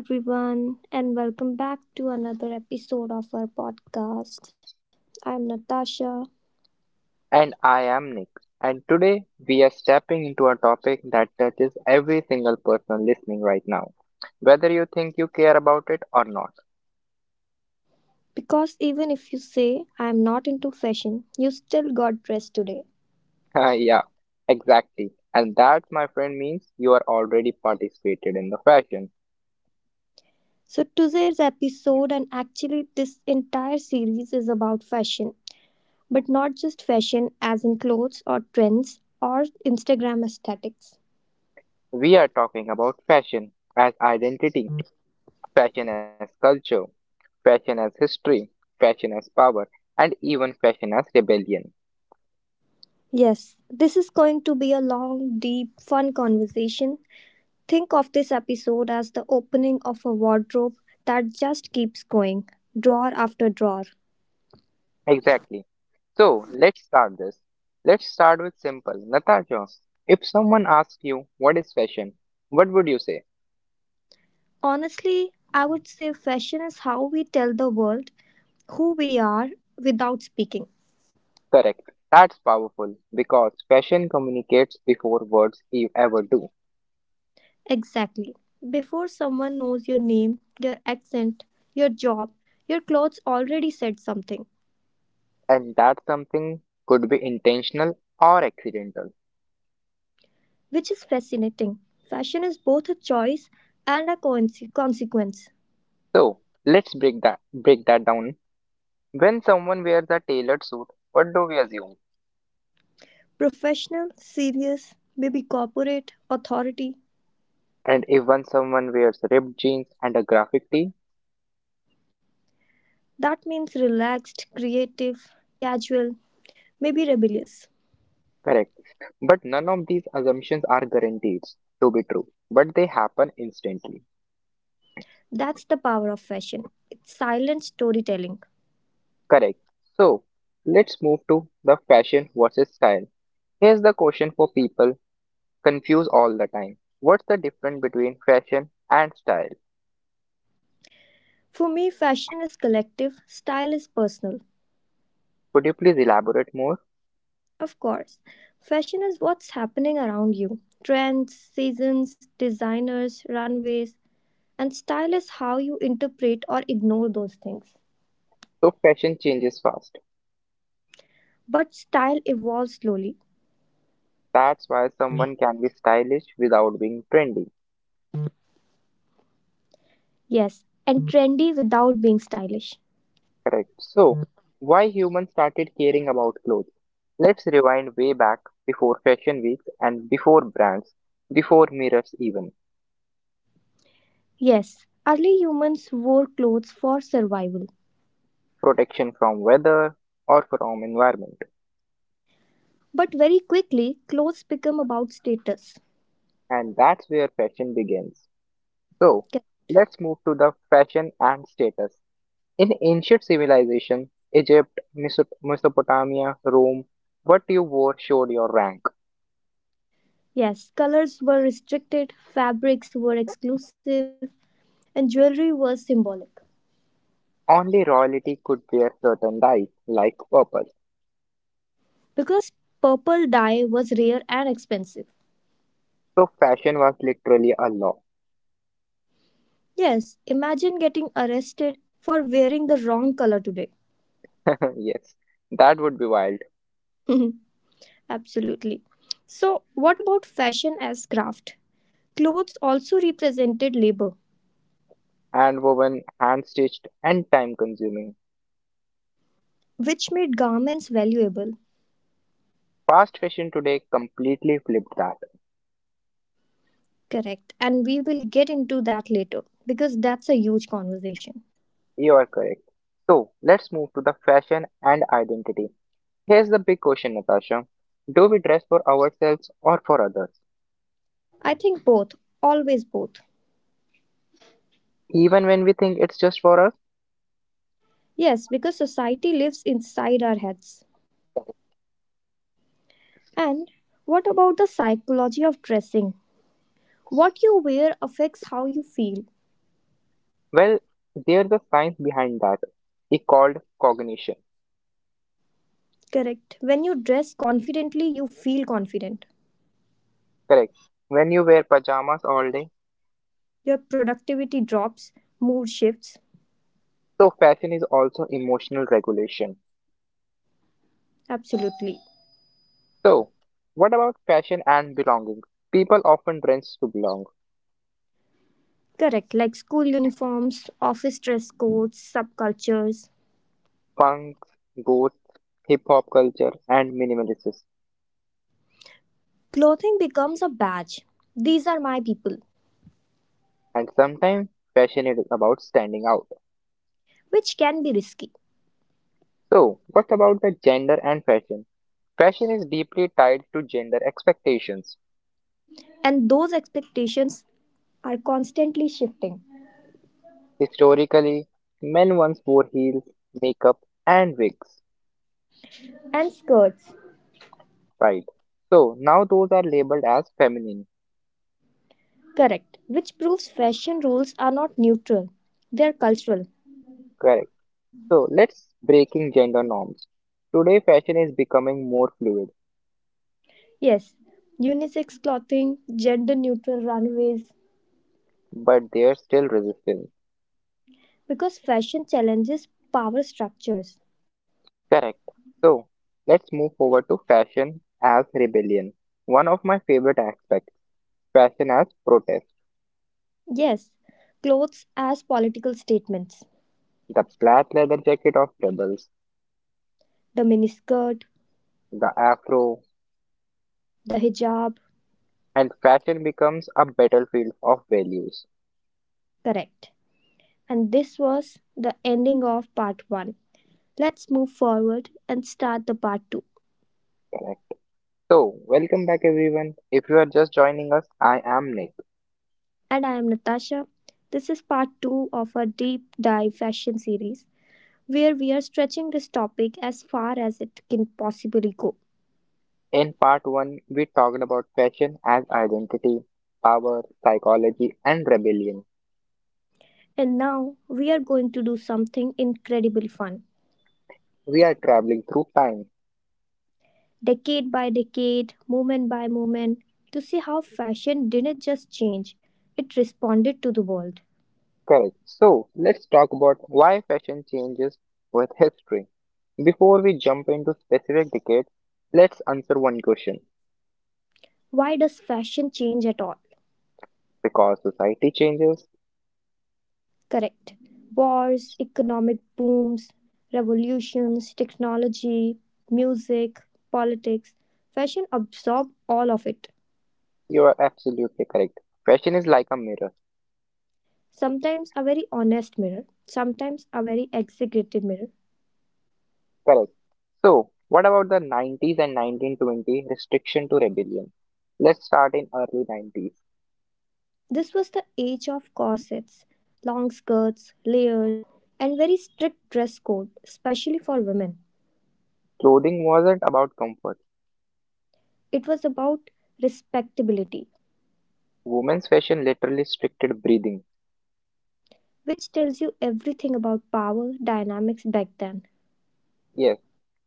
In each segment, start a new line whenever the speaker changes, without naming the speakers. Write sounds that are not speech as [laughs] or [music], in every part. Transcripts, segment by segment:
Hello, everyone, and welcome back to another episode of our podcast. I'm Natasha.
And I am Nick, and today we are stepping into a topic that touches every single person listening right now, whether you think you care about it or not.
Because even if you say I'm not into fashion, you still got dressed today.
[laughs] Yeah, exactly. And that, my friend, means you are already participated in the fashion.
So, today's episode, and actually, this entire series is about fashion, but not just fashion as in clothes or trends or Instagram aesthetics.
We are talking about fashion as identity, fashion as culture, fashion as history, fashion as power, and even fashion as rebellion.
Yes, this is going to be a long, deep, fun conversation. Think of this episode as the opening of a wardrobe that just keeps going, drawer after drawer.
Exactly. So let's start this. Let's start with simple. Natasha, if someone asks you what is fashion, what would you say?
Honestly, I would say fashion is how we tell the world who we are without speaking.
Correct. That's powerful because fashion communicates before words ever do.
Exactly. Before someone knows your name, your accent, your job, your clothes already said something,
And that something could be intentional or accidental.
which is fascinating. Fashion is both a choice and a consequence.
So let's break that down. When someone wears a tailored suit, what do we assume?
Professional, serious, maybe corporate, authority.
And even someone wears ripped jeans and a graphic tee,
That means relaxed, creative, casual, maybe rebellious.
correct. But none of these assumptions are guaranteed to be true, but they happen instantly.
That's the power of fashion. It's silent storytelling.
Correct. So, let's move to the fashion versus style. Here's the question for people confused all the time. What's the difference between fashion and style?
For me, fashion is collective, style is personal.
Could you please elaborate more?
Of course, fashion is what's happening around you, trends, seasons, designers, runways, and style is how you interpret or ignore those things.
So, fashion changes fast.
But style evolves slowly.
That's why someone can be stylish without being trendy.
Yes, and trendy without being stylish.
Correct. So, why humans started caring about clothes? Let's rewind way back before fashion weeks and before brands, before mirrors even,
Yes, early humans wore clothes for survival.
protection from weather or from environment.
But very quickly, clothes became about status.
And that's where fashion begins. So, let's move to the fashion and status. In ancient civilization, Egypt, Mesopotamia, Rome, what you wore showed your rank.
Yes, colors were restricted, fabrics were exclusive, and jewelry was symbolic.
Only royalty could wear certain dyes, like purple.
Because purple dye was rare and expensive.
So fashion was literally a law.
Yes, imagine getting arrested for wearing the wrong color today.
[laughs] Yes, that would be wild.
[laughs] Absolutely. So, what about fashion as craft? Clothes also represented labor,
Hand-woven, hand-stitched, and time-consuming.
which made garments valuable.
Fast fashion today completely flipped that.
Correct. And we will get into that later because that's a huge conversation.
You are correct. So, let's move to the fashion and identity. Here's the big question, Natasha. Do we dress for ourselves or for others?
I think both, always both.
Even when we think it's just for us?
Yes, because society lives inside our heads. And what about the psychology of dressing? What you wear affects how you feel.
Well, there's a science behind that. It's called cognition.
Correct. When you dress confidently, you feel confident.
Correct. When you wear pajamas all day,
Your productivity drops, mood shifts.
so fashion is also emotional regulation.
Absolutely.
So, what about passion and belonging? People often trends to belong.
Correct. Like school uniforms, office dress codes, subcultures.
Punks, goths, hip hop culture, and minimalists,
Clothing becomes a badge. These are my people,
and sometimes passionate about standing out.
which can be risky.
So, what about the gender and fashion? Fashion is deeply tied to gender expectations.
And those expectations are constantly shifting.
Historically, men once wore heels, makeup, and wigs,
And skirts,
right? So now those are labeled as feminine,
correct, which proves fashion rules are not neutral, they are cultural.
correct? So let's breaking gender norms. Today, fashion is becoming more fluid.
Yes, unisex clothing, gender neutral runways,
But there's still resistance.
because fashion challenges power structures.
Correct. So let's move forward to fashion as rebellion. One of my favorite aspects, fashion as protest.
Yes, clothes as political statements.
The plaid leather jacket of rebels,
The miniskirt,
the afro,
the hijab,
and fashion becomes a battlefield of values.
correct. And this was the ending of part 1. Let's move forward and start the part 2.
Correct. So, welcome back everyone. If you are just joining us, I am Nick.
And I am Natasha. This is part 2 of our deep dive fashion series, where we are stretching this topic as far as it can possibly go.
In part 1, we talked about fashion as identity, power, psychology, and rebellion.
And now we are going to do something incredibly fun,
We are traveling through time.
decade by decade, moment by moment, to see how fashion didn't just change, it responded to the world.
Correct. So let's talk about why fashion changes with history. Before we jump into specific decades, let's answer one question.
Why does fashion change at all?
Because society changes,
Correct. Wars, economic booms, revolutions, technology, music, politics, fashion absorbed all of it.
you are absolutely correct. Fashion is like a mirror.
Sometimes a very honest mirror, sometimes a very exaggerated mirror.
Correct. So, what about the 90s and 1920 restriction to rebellion? Let's start in early 90s.
This was the age of corsets, long skirts, layers, and very strict dress code, especially for women.
Clothing wasn't about comfort.
It was about respectability,
Women's fashion literally restricted breathing.
which tells you everything about power dynamics back then.
Yes.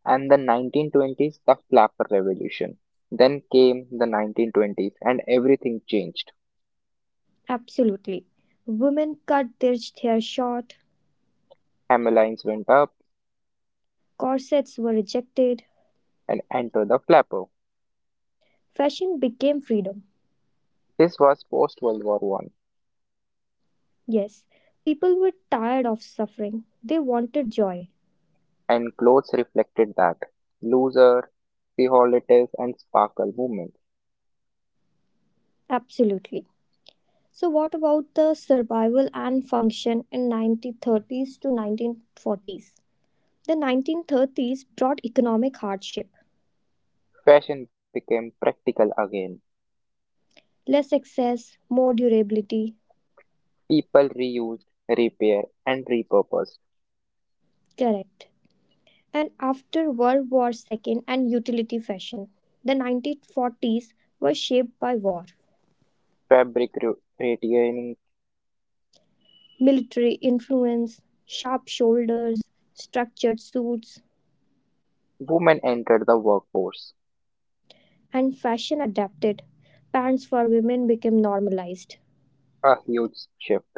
And the 1920s, the flapper revolution. Then came the 1920s and everything changed.
Absolutely. Women cut their hair short,
Hammerlines went up,
corsets were rejected,
and entered the flapper.
fashion became freedom.
This was post World War I,
Yes, people were tired of suffering, they wanted joy.
and clothes reflected that: looser, frivolitous, and sparkle movements.
Absolutely. So, what about the survival and function in 1930s to 1940s? The 1930s brought economic hardship,
Fashion became practical again.
less access, more durability.
People reused, repaired, and repurposed.
Correct. And after World War II and utility fashion, the 1940s were shaped by war,
Fabric retaining.
military influence, sharp shoulders, structured suits,
Women entered the workforce.
and fashion adapted. Pants for women became normalized.
A huge shift.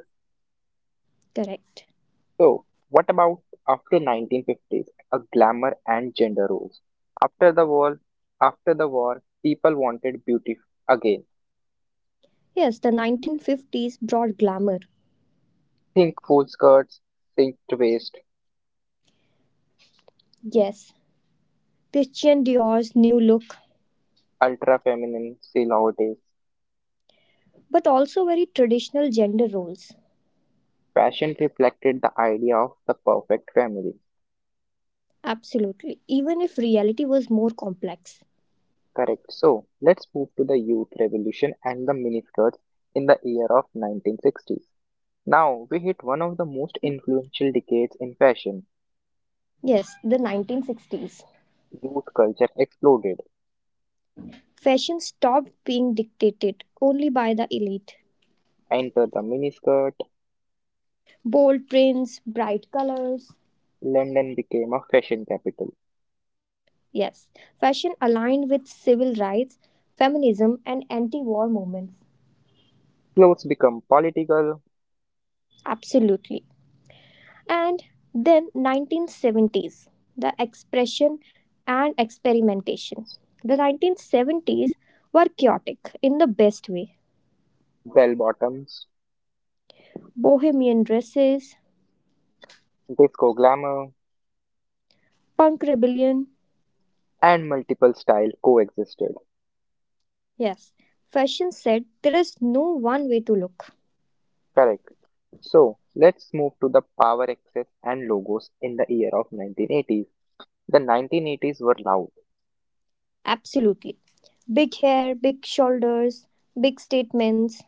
Correct.
So, what about after 1950s, a glamour and gender roles? After the war, after the war, people wanted beauty again.
Yes, the 1950s brought glamour.
Think full skirts, cinched waist,
Yes, Christian Dior's new look,
ultra feminine silhouettes.
but also very traditional gender roles.
Fashion reflected the idea of the perfect family.
Absolutely, even if reality was more complex.
Correct. So, let's move to the youth revolution and the miniskirts in the year of 1960s. Now, we hit one of the most influential decades in fashion.
Yes, the 1960s.
Youth culture exploded.
Fashion stopped being dictated only by the elite.
Enter the miniskirt,
Bold prints, bright colors.
London became a fashion capital.
Yes, fashion aligned with civil rights, feminism, and anti war movements.
Clothes become political,
Absolutely. And then 1970s, the expression and experimentation. The 1970s were chaotic in the best way.
bell bottoms,
Bohemian dresses,
disco glamour,
punk rebellion.
and multiple styles coexisted.
Yes, fashion said there is no one way to look.
Correct. So let's move to the power access and logos in the year of 1980s. The 1980s were loud.
Absolutely. Big hair, big shoulders, big statements,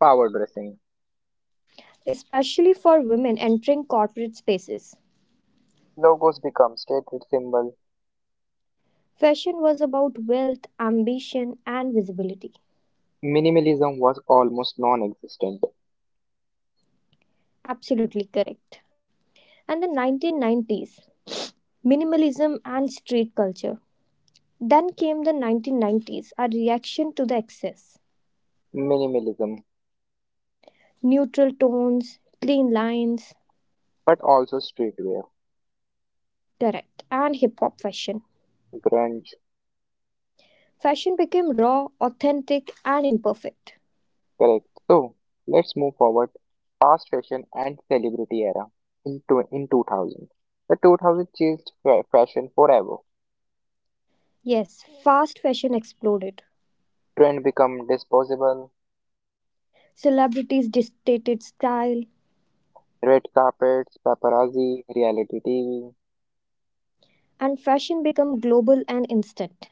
Power dressing.
especially for women entering corporate spaces.
Logos become status symbol.
Fashion was about wealth, ambition, and visibility.
Minimalism was almost non-existent.
Absolutely correct. And the 1990s, minimalism and street culture. Then came the 1990s, a reaction to the excess.
Minimalism,
Neutral tones, clean lines,
but also streetwear,
correct, and hip hop fashion.
grunge.
Fashion became raw, authentic, and imperfect.
Correct. So let's move forward fast fashion and celebrity era in 2000. The 2000 changed fashion forever.
Yes, fast fashion exploded.
Trend become disposable,
Celebrities dictated style,
red carpets, paparazzi, reality TV.
and fashion became global and instant.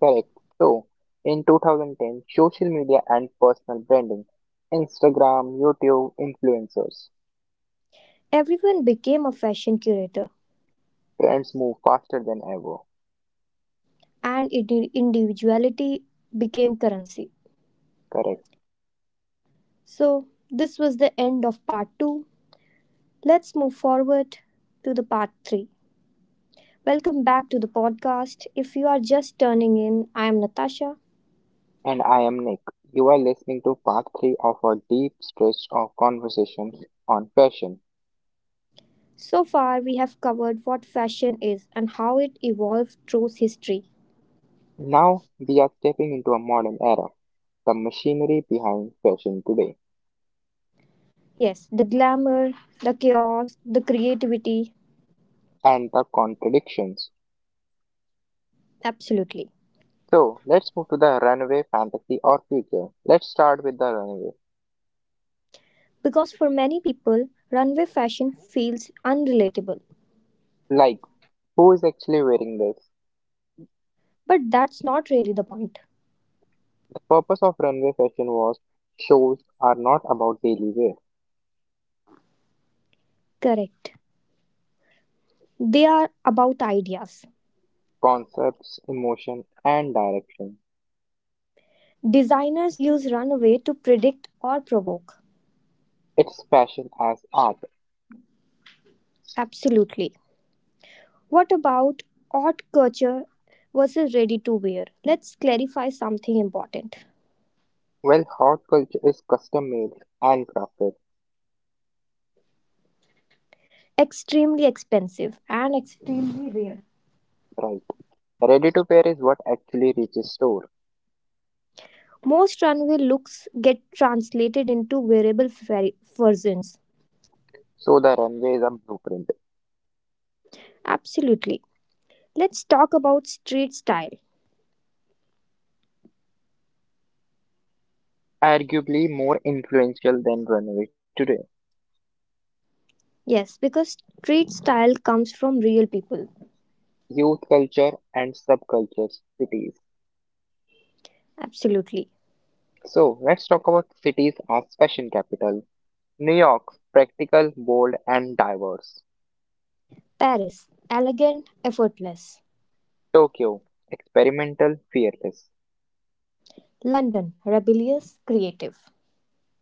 Correct. So in 2010, social media and personal branding, Instagram, YouTube, influencers.
Everyone became a fashion curator,
Trends move faster than ever.
and individuality became currency.
Correct.
So, this was the end of part two. Let's move forward to the part three. Welcome back to the podcast. If you are just turning in, I am Natasha.
And I am Nick. You are listening to part 3 of our deep stretch of conversations on fashion.
So far, we have covered what fashion is and how it evolved through history.
Now we are stepping into a modern era, the machinery behind fashion today,
Yes, the glamour, the chaos, the creativity,
and the contradictions.
absolutely.
So let's move to the runway fantasy or future. Let's start with the runway.
Because for many people, runway fashion feels unrelatable.
Like, who is actually wearing this?
But that's not really the point.
The purpose of runway fashion was shows are not about daily wear,
Correct. They are about ideas.
concepts, emotion, and direction.
Designers use runway to predict or provoke.
It's fashion as art.
Absolutely. What about haute couture versus ready to wear? Let's clarify something important.
Well, hot culture is custom made, handcrafted,
Extremely expensive and extremely rare.
right? Ready to wear is what actually reaches store,
Most runway looks get translated into wearable versions.
so the runway is a blueprint,
Absolutely. Let's talk about street style.
arguably more influential than runway today.
Yes, because street style comes from real people.
Youth culture and subcultures, cities.
Absolutely.
So let's talk about cities as fashion capital. New York, practical, bold, and diverse.
Paris, elegant, effortless.
Tokyo, experimental, fearless,
London, rebellious, creative.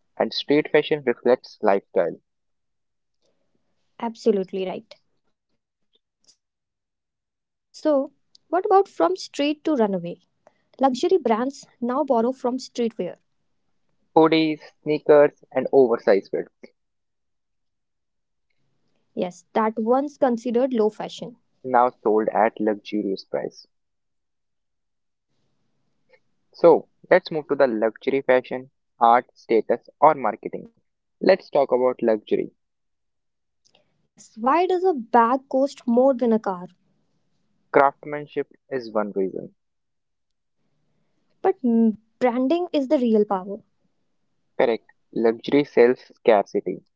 and street fashion reflects lifestyle.
Absolutely right. So, what about from street to runaway? Luxury brands now borrow from streetwear.
Hoodies, sneakers, and oversized
Yes, that once considered low fashion.
now sold at luxurious price. So let's move to the luxury fashion, art, status, or marketing. Let's talk about luxury.
Yes, why does a bag cost more than a car?
Craftsmanship is one reason.
But branding is the real power.
Correct. Luxury sells scarcity,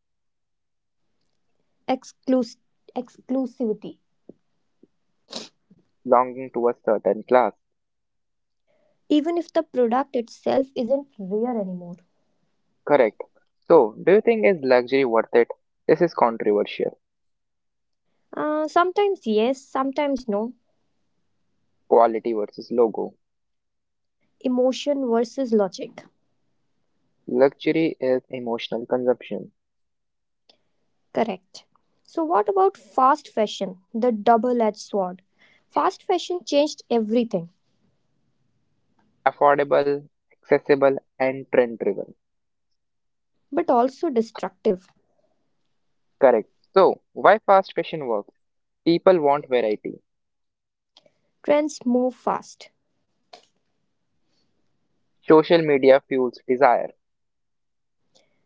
Exclus- Exclusivity.
belonging to a certain class.
Even if the product itself isn't rare anymore.
Correct. So, do you think is luxury worth it? This is controversial.
Sometimes yes, sometimes no.
Quality versus logo.
Emotion versus logic.
Luxury is emotional consumption,
Correct. So, what about fast fashion, the double edged sword? Fast fashion changed everything,
affordable, accessible, and trend driven.
but also destructive.
Correct. So, why fast fashion works? People want variety.
Trends move fast,
Social media fuels desire.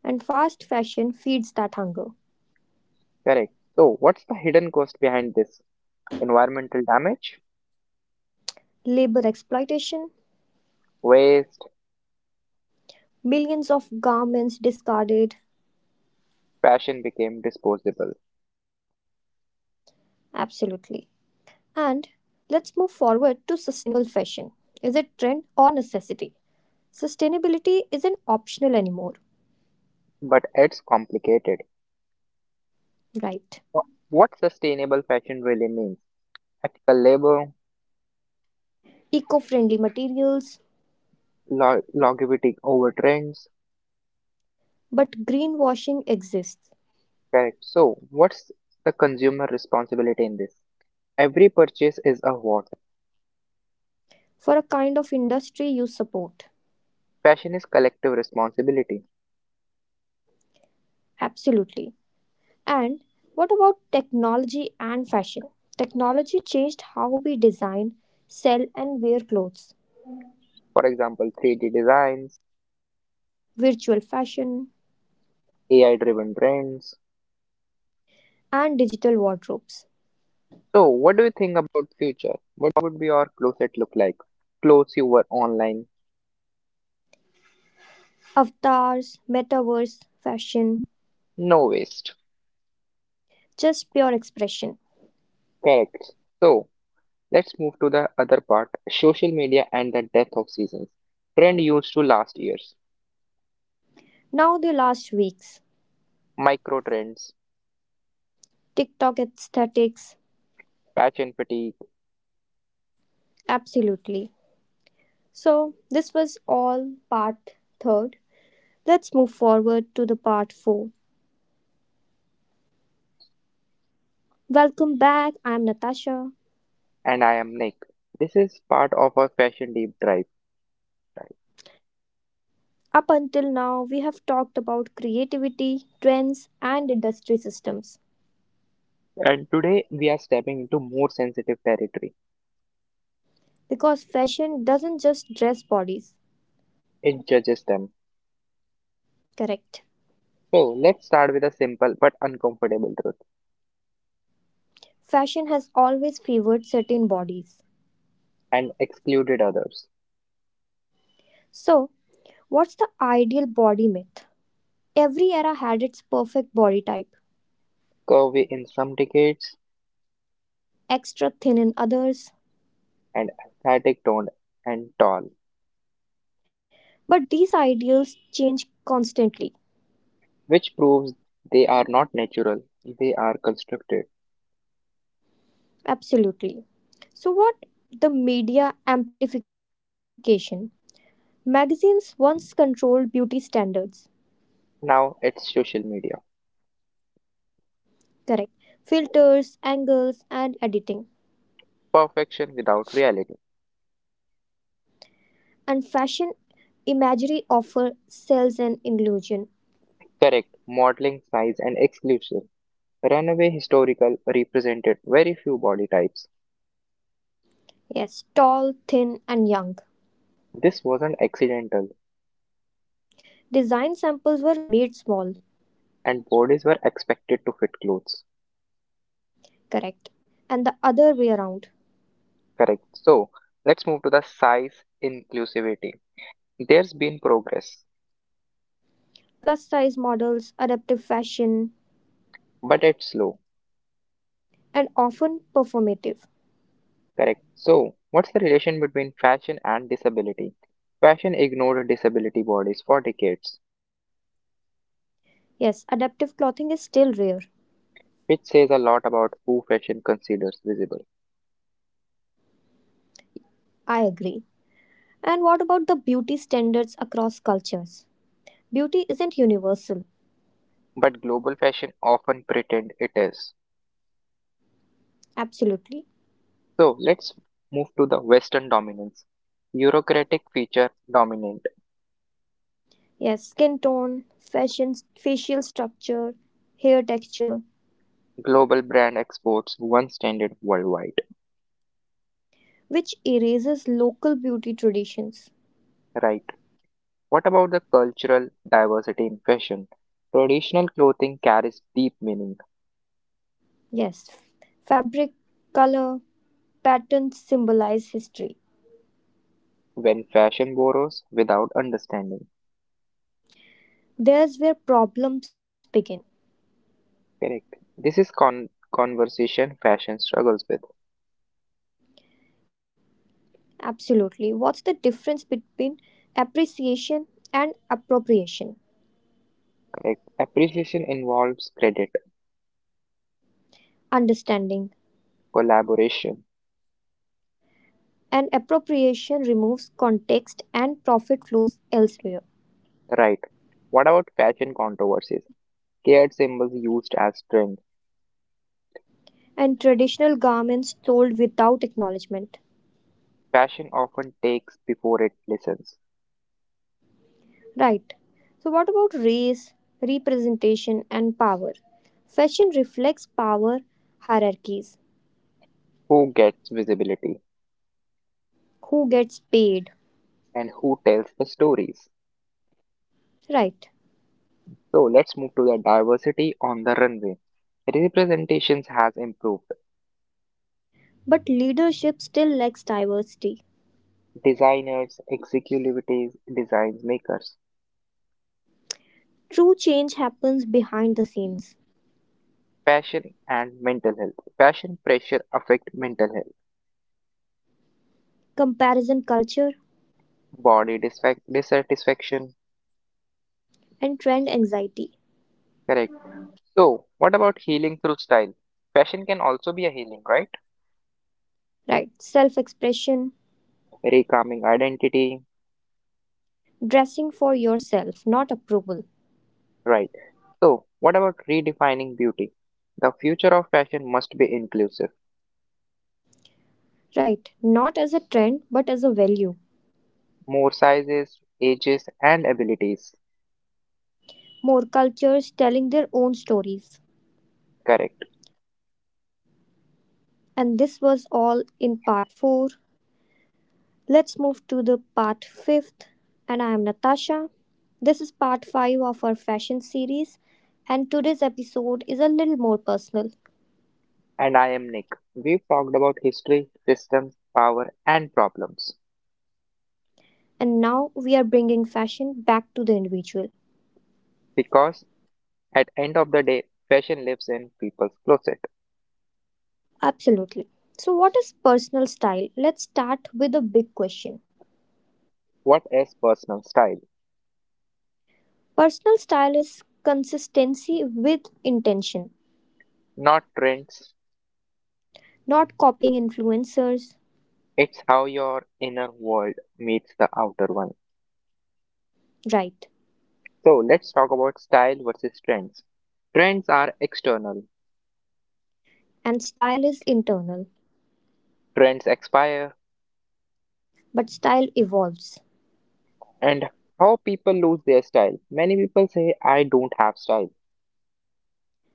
and fast fashion feeds that hunger.
Correct. So, what's the hidden cost behind this? Environmental damage,
Labor exploitation,
waste,
millions of garments discarded,
fashion became disposable.
absolutely. And let's move forward to sustainable fashion. Is it trend or necessity? Sustainability isn't optional anymore,
But it's complicated.
right?
What sustainable fashion really means? Ethical labor,
Eco friendly materials,
longevity over trends.
but greenwashing exists.
Correct. So, what's the consumer responsibility in this? Every purchase is a what?
For a kind of industry you support.
Fashion is collective responsibility.
Absolutely. And what about technology and fashion? Technology changed how we design, sell, and wear clothes,
For example, 3D designs,
virtual fashion,
AI driven trends,
and digital wardrobes.
so, what do you think about future? What would be our closet look like? Clothes you were online,
Avatars, metaverse, fashion,
no waste.
just pure expression.
Correct. So, let's move to the other part, social media and the death of seasons. Trend used to last years,
Now, the last weeks,
micro trends,
TikTok aesthetics,
fashion fatigue,
absolutely. So, this was all part third. Let's move forward to the part four. Welcome back. I'm Natasha.
and I am Nick. This is part of our fashion deep drive.
Up until now, we have talked about creativity, trends, and industry systems
And today we are stepping into more sensitive territory.
because fashion doesn't just dress bodies,
It judges them.
correct?
So let's start with a simple but uncomfortable truth
Fashion has always favored certain bodies.
and excluded others.
So, what's the ideal body myth? Every era had its perfect body type,
Curvy in some decades,
extra thin in others,
and aesthetic toned and tall,
but these ideals change constantly.
which proves they are not natural, they are constructed.
Absolutely. So, what the media amplification? Magazines once controlled beauty standards.
Now it's social media.
Correct. Filters, angles, and editing.
Perfection without reality.
And fashion imagery offer sells an illusion.
Correct, modeling, size, and exclusion. Runaway historical represented very few body types.
Yes, tall, thin, and young.
This wasn't accidental,
Design samples were made small.
and bodies were expected to fit clothes.
Correct. And the other way around.
Correct. So, let's move to the size inclusivity. There's been progress,
Plus size models, adaptive fashion,
but it's slow.
and often performative.
Correct. So, what's the relation between fashion and disability? Fashion ignored disability bodies for decades,
Yes, adaptive clothing is still rare.
which says a lot about who fashion considers visible.
I agree. And what about the beauty standards across cultures? Beauty isn't universal.
But global fashion often pretend it is.
Absolutely.
So, let's move to the Western dominance. Eurocratic feature dominant.
Yes, skin tone, fashion, facial structure, hair texture,
Global brand exports one standard worldwide.
which erases local beauty traditions.
Right. What about the cultural diversity in fashion? Traditional clothing carries deep meaning
Yes, fabric, color, patterns symbolize history.
when fashion borrows without understanding.
There's where problems begin.
Correct. This is conversation fashion struggles with.
Absolutely. What's the difference between appreciation and appropriation?
Correct. Appreciation involves credit,
Understanding.
collaboration.
And appropriation removes context and profit flows elsewhere.
Right. What about fashion controversies? Scared symbols used as trend.
And traditional garments sold without acknowledgement.
Fashion often takes before it listens.
Right. So, what about race, representation, and power? Fashion reflects power hierarchies
Who gets visibility
who gets paid.
and who tells the stories?
Right.
So let's move to the diversity on the runway. Representations has improved.
But leadership still lacks diversity.
Designers, executives, design makers.
True change happens behind the scenes.
Passion and mental health. Passion pressure affect mental health,
Comparison culture
body dissatisfaction.
and trend anxiety.
Correct. So, what about healing through style? Fashion can also be a healing, right?
Right. Self expression,
Recalming identity,
dressing for yourself, not approval.
right? So, what about redefining beauty? The future of fashion must be inclusive.
Right. Not as a trend, but as a value.
More sizes, ages, and abilities.
More cultures telling their own stories.
Correct.
And this was all in part 4. Let's move to the part 5th and I am Natasha. This is part 5 of our fashion series and today's episode is a little more personal
And I am Nick. We've talked about history, systems, power, and problems.
and now we are bringing fashion back to the individual.
Because at end of the day, fashion lives in people's closet.
Absolutely. So what is personal style? Let's start with a big question.
What is personal style?
Personal style is consistency with intention,
Not trends.
not copying influencers,
It's how your inner world meets the outer one.
right?
So let's talk about style versus trends. Trends are external.
And style is internal,
Trends expire
but style evolves.
and how people lose their style. Many people say I don't have style.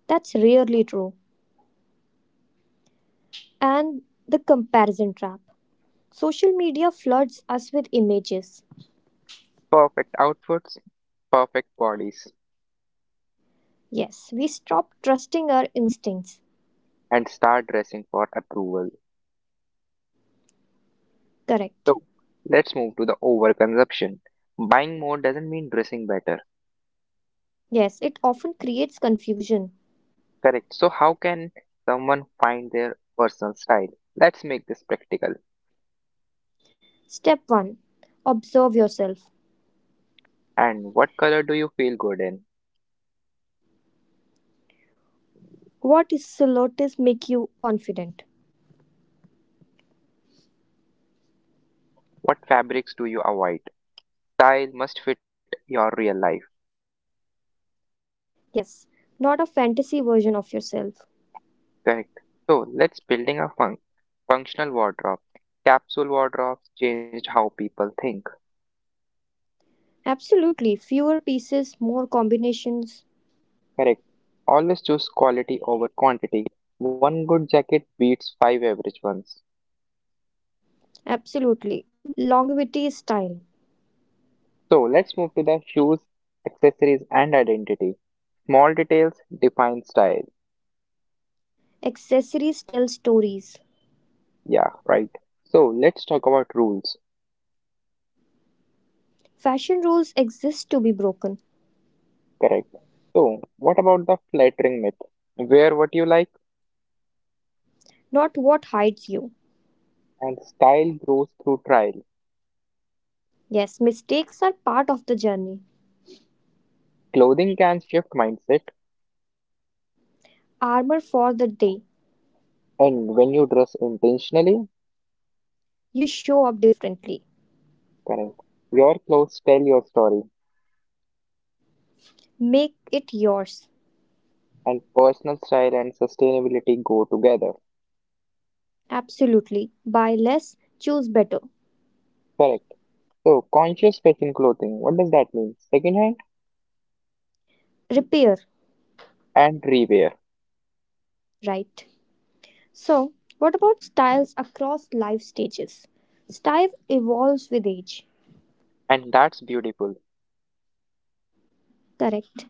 That's rarely true. And the comparison trap. Social media floods us with images.
Perfect outfits, perfect bodies
Yes, we stop trusting our instincts.
and start dressing for approval.
Correct.
So let's move to the overconsumption. Buying more doesn't mean dressing better.
Yes, it often creates confusion.
Correct. So, how can someone find their personal style? Let's make this practical.
Step 1. Observe yourself.
And what color do you feel good in?
What is solotis make you confident?
What fabrics do you avoid? Style must fit your real life.
Yes, not a fantasy version of yourself.
Correct. So, let's building a functional wardrobe. Capsule wardrobes changed how people think.
Absolutely. Fewer pieces, more combinations.
Correct. Always choose quality over quantity. One good jacket beats five average ones.
Absolutely. Longevity is style.
So, let's move to the shoes, accessories, and identity. Small details define style.
Accessories tell stories.
Yeah, right. So let's talk about rules.
Fashion rules exist to be broken.
Correct. So, what about the flattering myth? Wear what you like,
Not what hides you.
and style grows through trial.
Yes, mistakes are part of the journey.
Clothing can shift mindset,
Armor for the day.
and when you dress intentionally,
You show up differently.
correct, your clothes tell your story,
Make it yours.
and personal style and sustainability go together.
Absolutely. Buy less, choose better.
Correct. So, conscious fashion clothing, what does that mean? Secondhand
Repair,
and rewear,
right? So, what about styles across life stages? Style evolves with age.
and that's beautiful.
Correct.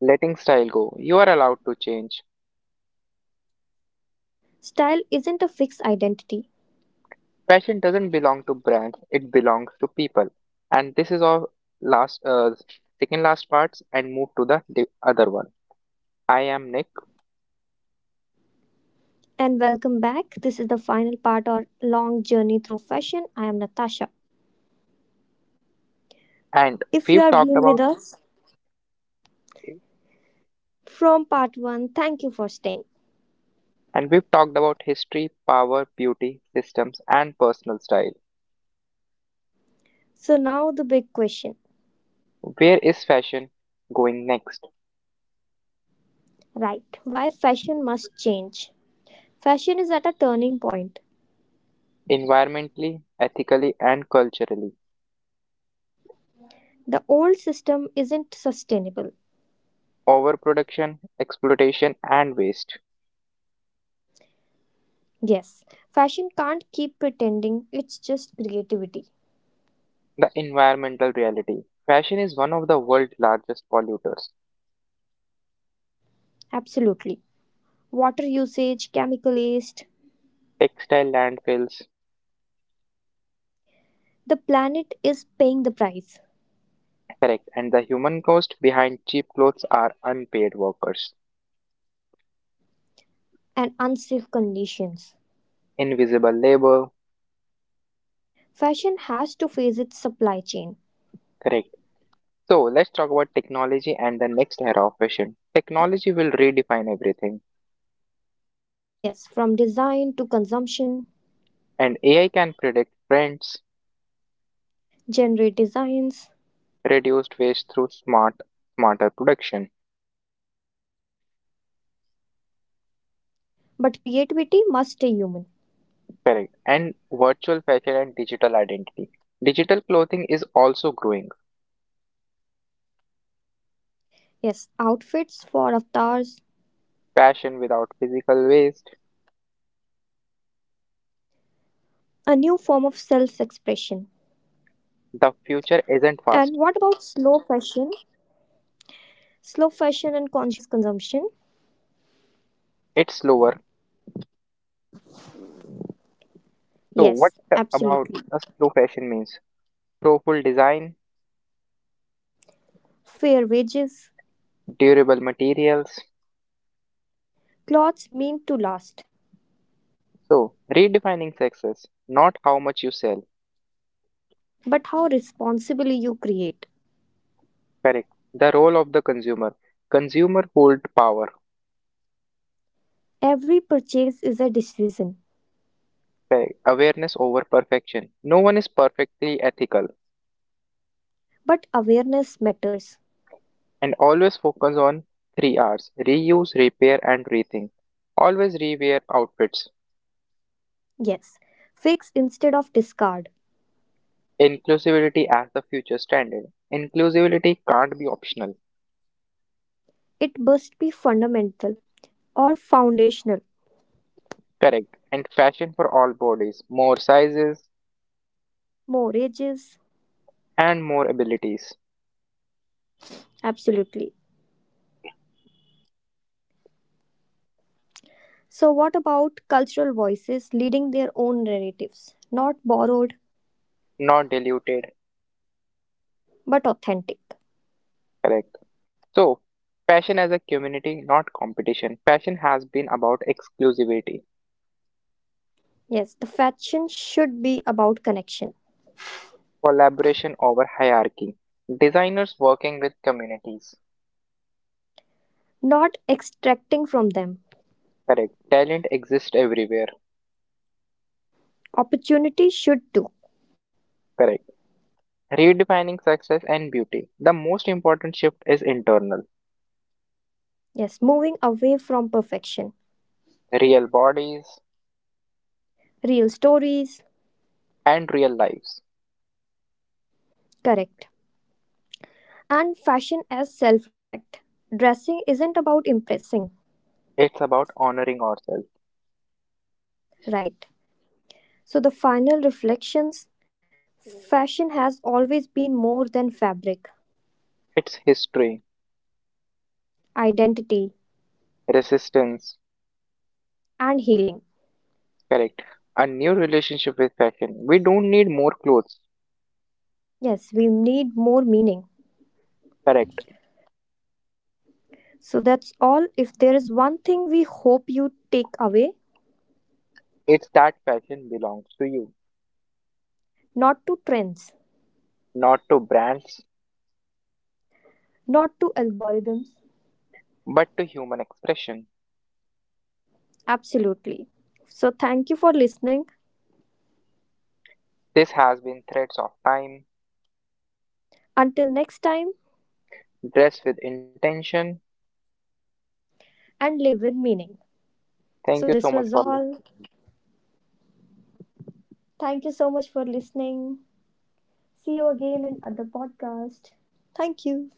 Letting style go, you are allowed to change.
Style isn't a fixed identity.
Fashion doesn't belong to brands, it belongs to people. And this is our last, uh, second last parts and move to the other one. I am Nick
And welcome back. This is the final part or long journey through fashion. I am Natasha.
and
If you
we've
are
talked
being with
about
us, from part one. Thank you for staying.
and we've talked about history, power, beauty, systems and personal style.
So, now the big question,
Where is fashion going next?
right? Why fashion must change? Fashion is at a turning point.
Environmentally, ethically and culturally.
The old system isn't sustainable.
Overproduction, exploitation and waste.
Yes, fashion can't keep pretending it's just creativity.
The environmental reality. Fashion is one of the world's largest polluters,
Absolutely. Water usage, chemical waste.
textile landfills.
The planet is paying the price
Correct. And the human cost behind cheap clothes are unpaid workers,
and unsafe conditions.
invisible labor.
Fashion has to face its supply chain.
Correct. So let's talk about technology and the next era of fashion. Technology will redefine everything,
Yes, from design to consumption,
and AI can predict trends,
generate designs,
reduce waste through smarter production.
but creativity must stay human.
Correct. And virtual fashion and digital identity. Digital clothing is also growing.
Yes, outfits for avatars,
Fashion without physical waste.
a new form of self expression.
The
And
future
what about
isn't
slow
fast;
fashion? Slow fashion and conscious consumption?
it's slower. So
Yes,
what
absolutely.
about a slow fashion means? Thoughtful design,
Fair wages,
durable materials.
clothes mean to last,
So, redefining success, not how much you sell.
but how responsibly you create.
Correct. The role of the consumer. Consumer hold power.
Every purchase is a decision,
Correct. Awareness over perfection. No one is perfectly ethical.
but awareness matters.
And always focus on three R's reuse, repair, and rethink. Always rewear outfits.
Yes, fix instead of discard.
Inclusivity as the future standard. Inclusivity can't be optional.
It must be fundamental or foundational.
Correct. And fashion for all bodies. More sizes
More ages,
and more abilities.
absolutely. So, what about cultural voices leading their own narratives? Not borrowed,
Not diluted.
but authentic.
Correct. So, passion as a community, not competition. Passion has been about exclusivity,
Yes, the fashion should be about connection,
collaboration over hierarchy, designers working with communities.
not extracting from them.
Correct. Talent exists everywhere.
Opportunity should too.
Correct. Redefining success and beauty. The most important shift is internal,
Yes, moving away from perfection.
real bodies
Real stories,
and real lives.
correct. And fashion as self respect. Dressing isn't about impressing,
It's about honoring ourselves,
right? So, the final reflections, fashion has always been more than fabric,
its history,
identity,
resistance.
and healing.
Correct. A new relationship with fashion. We don't need more clothes.
Yes, we need more meaning.
Correct.
So that's all. If there is one thing we hope you take away,
It's that passion belongs to you,
not to trends,
not to brands,
not to algorithms.
but to human expression.
Absolutely. So thank you for listening.
This has been Threads of Time,
Until next time,
Dress with Intention.
and live with meaning.
Thank you
So
so
this
much for
was all. Thank you so much for listening. See you again in other podcast. Thank you.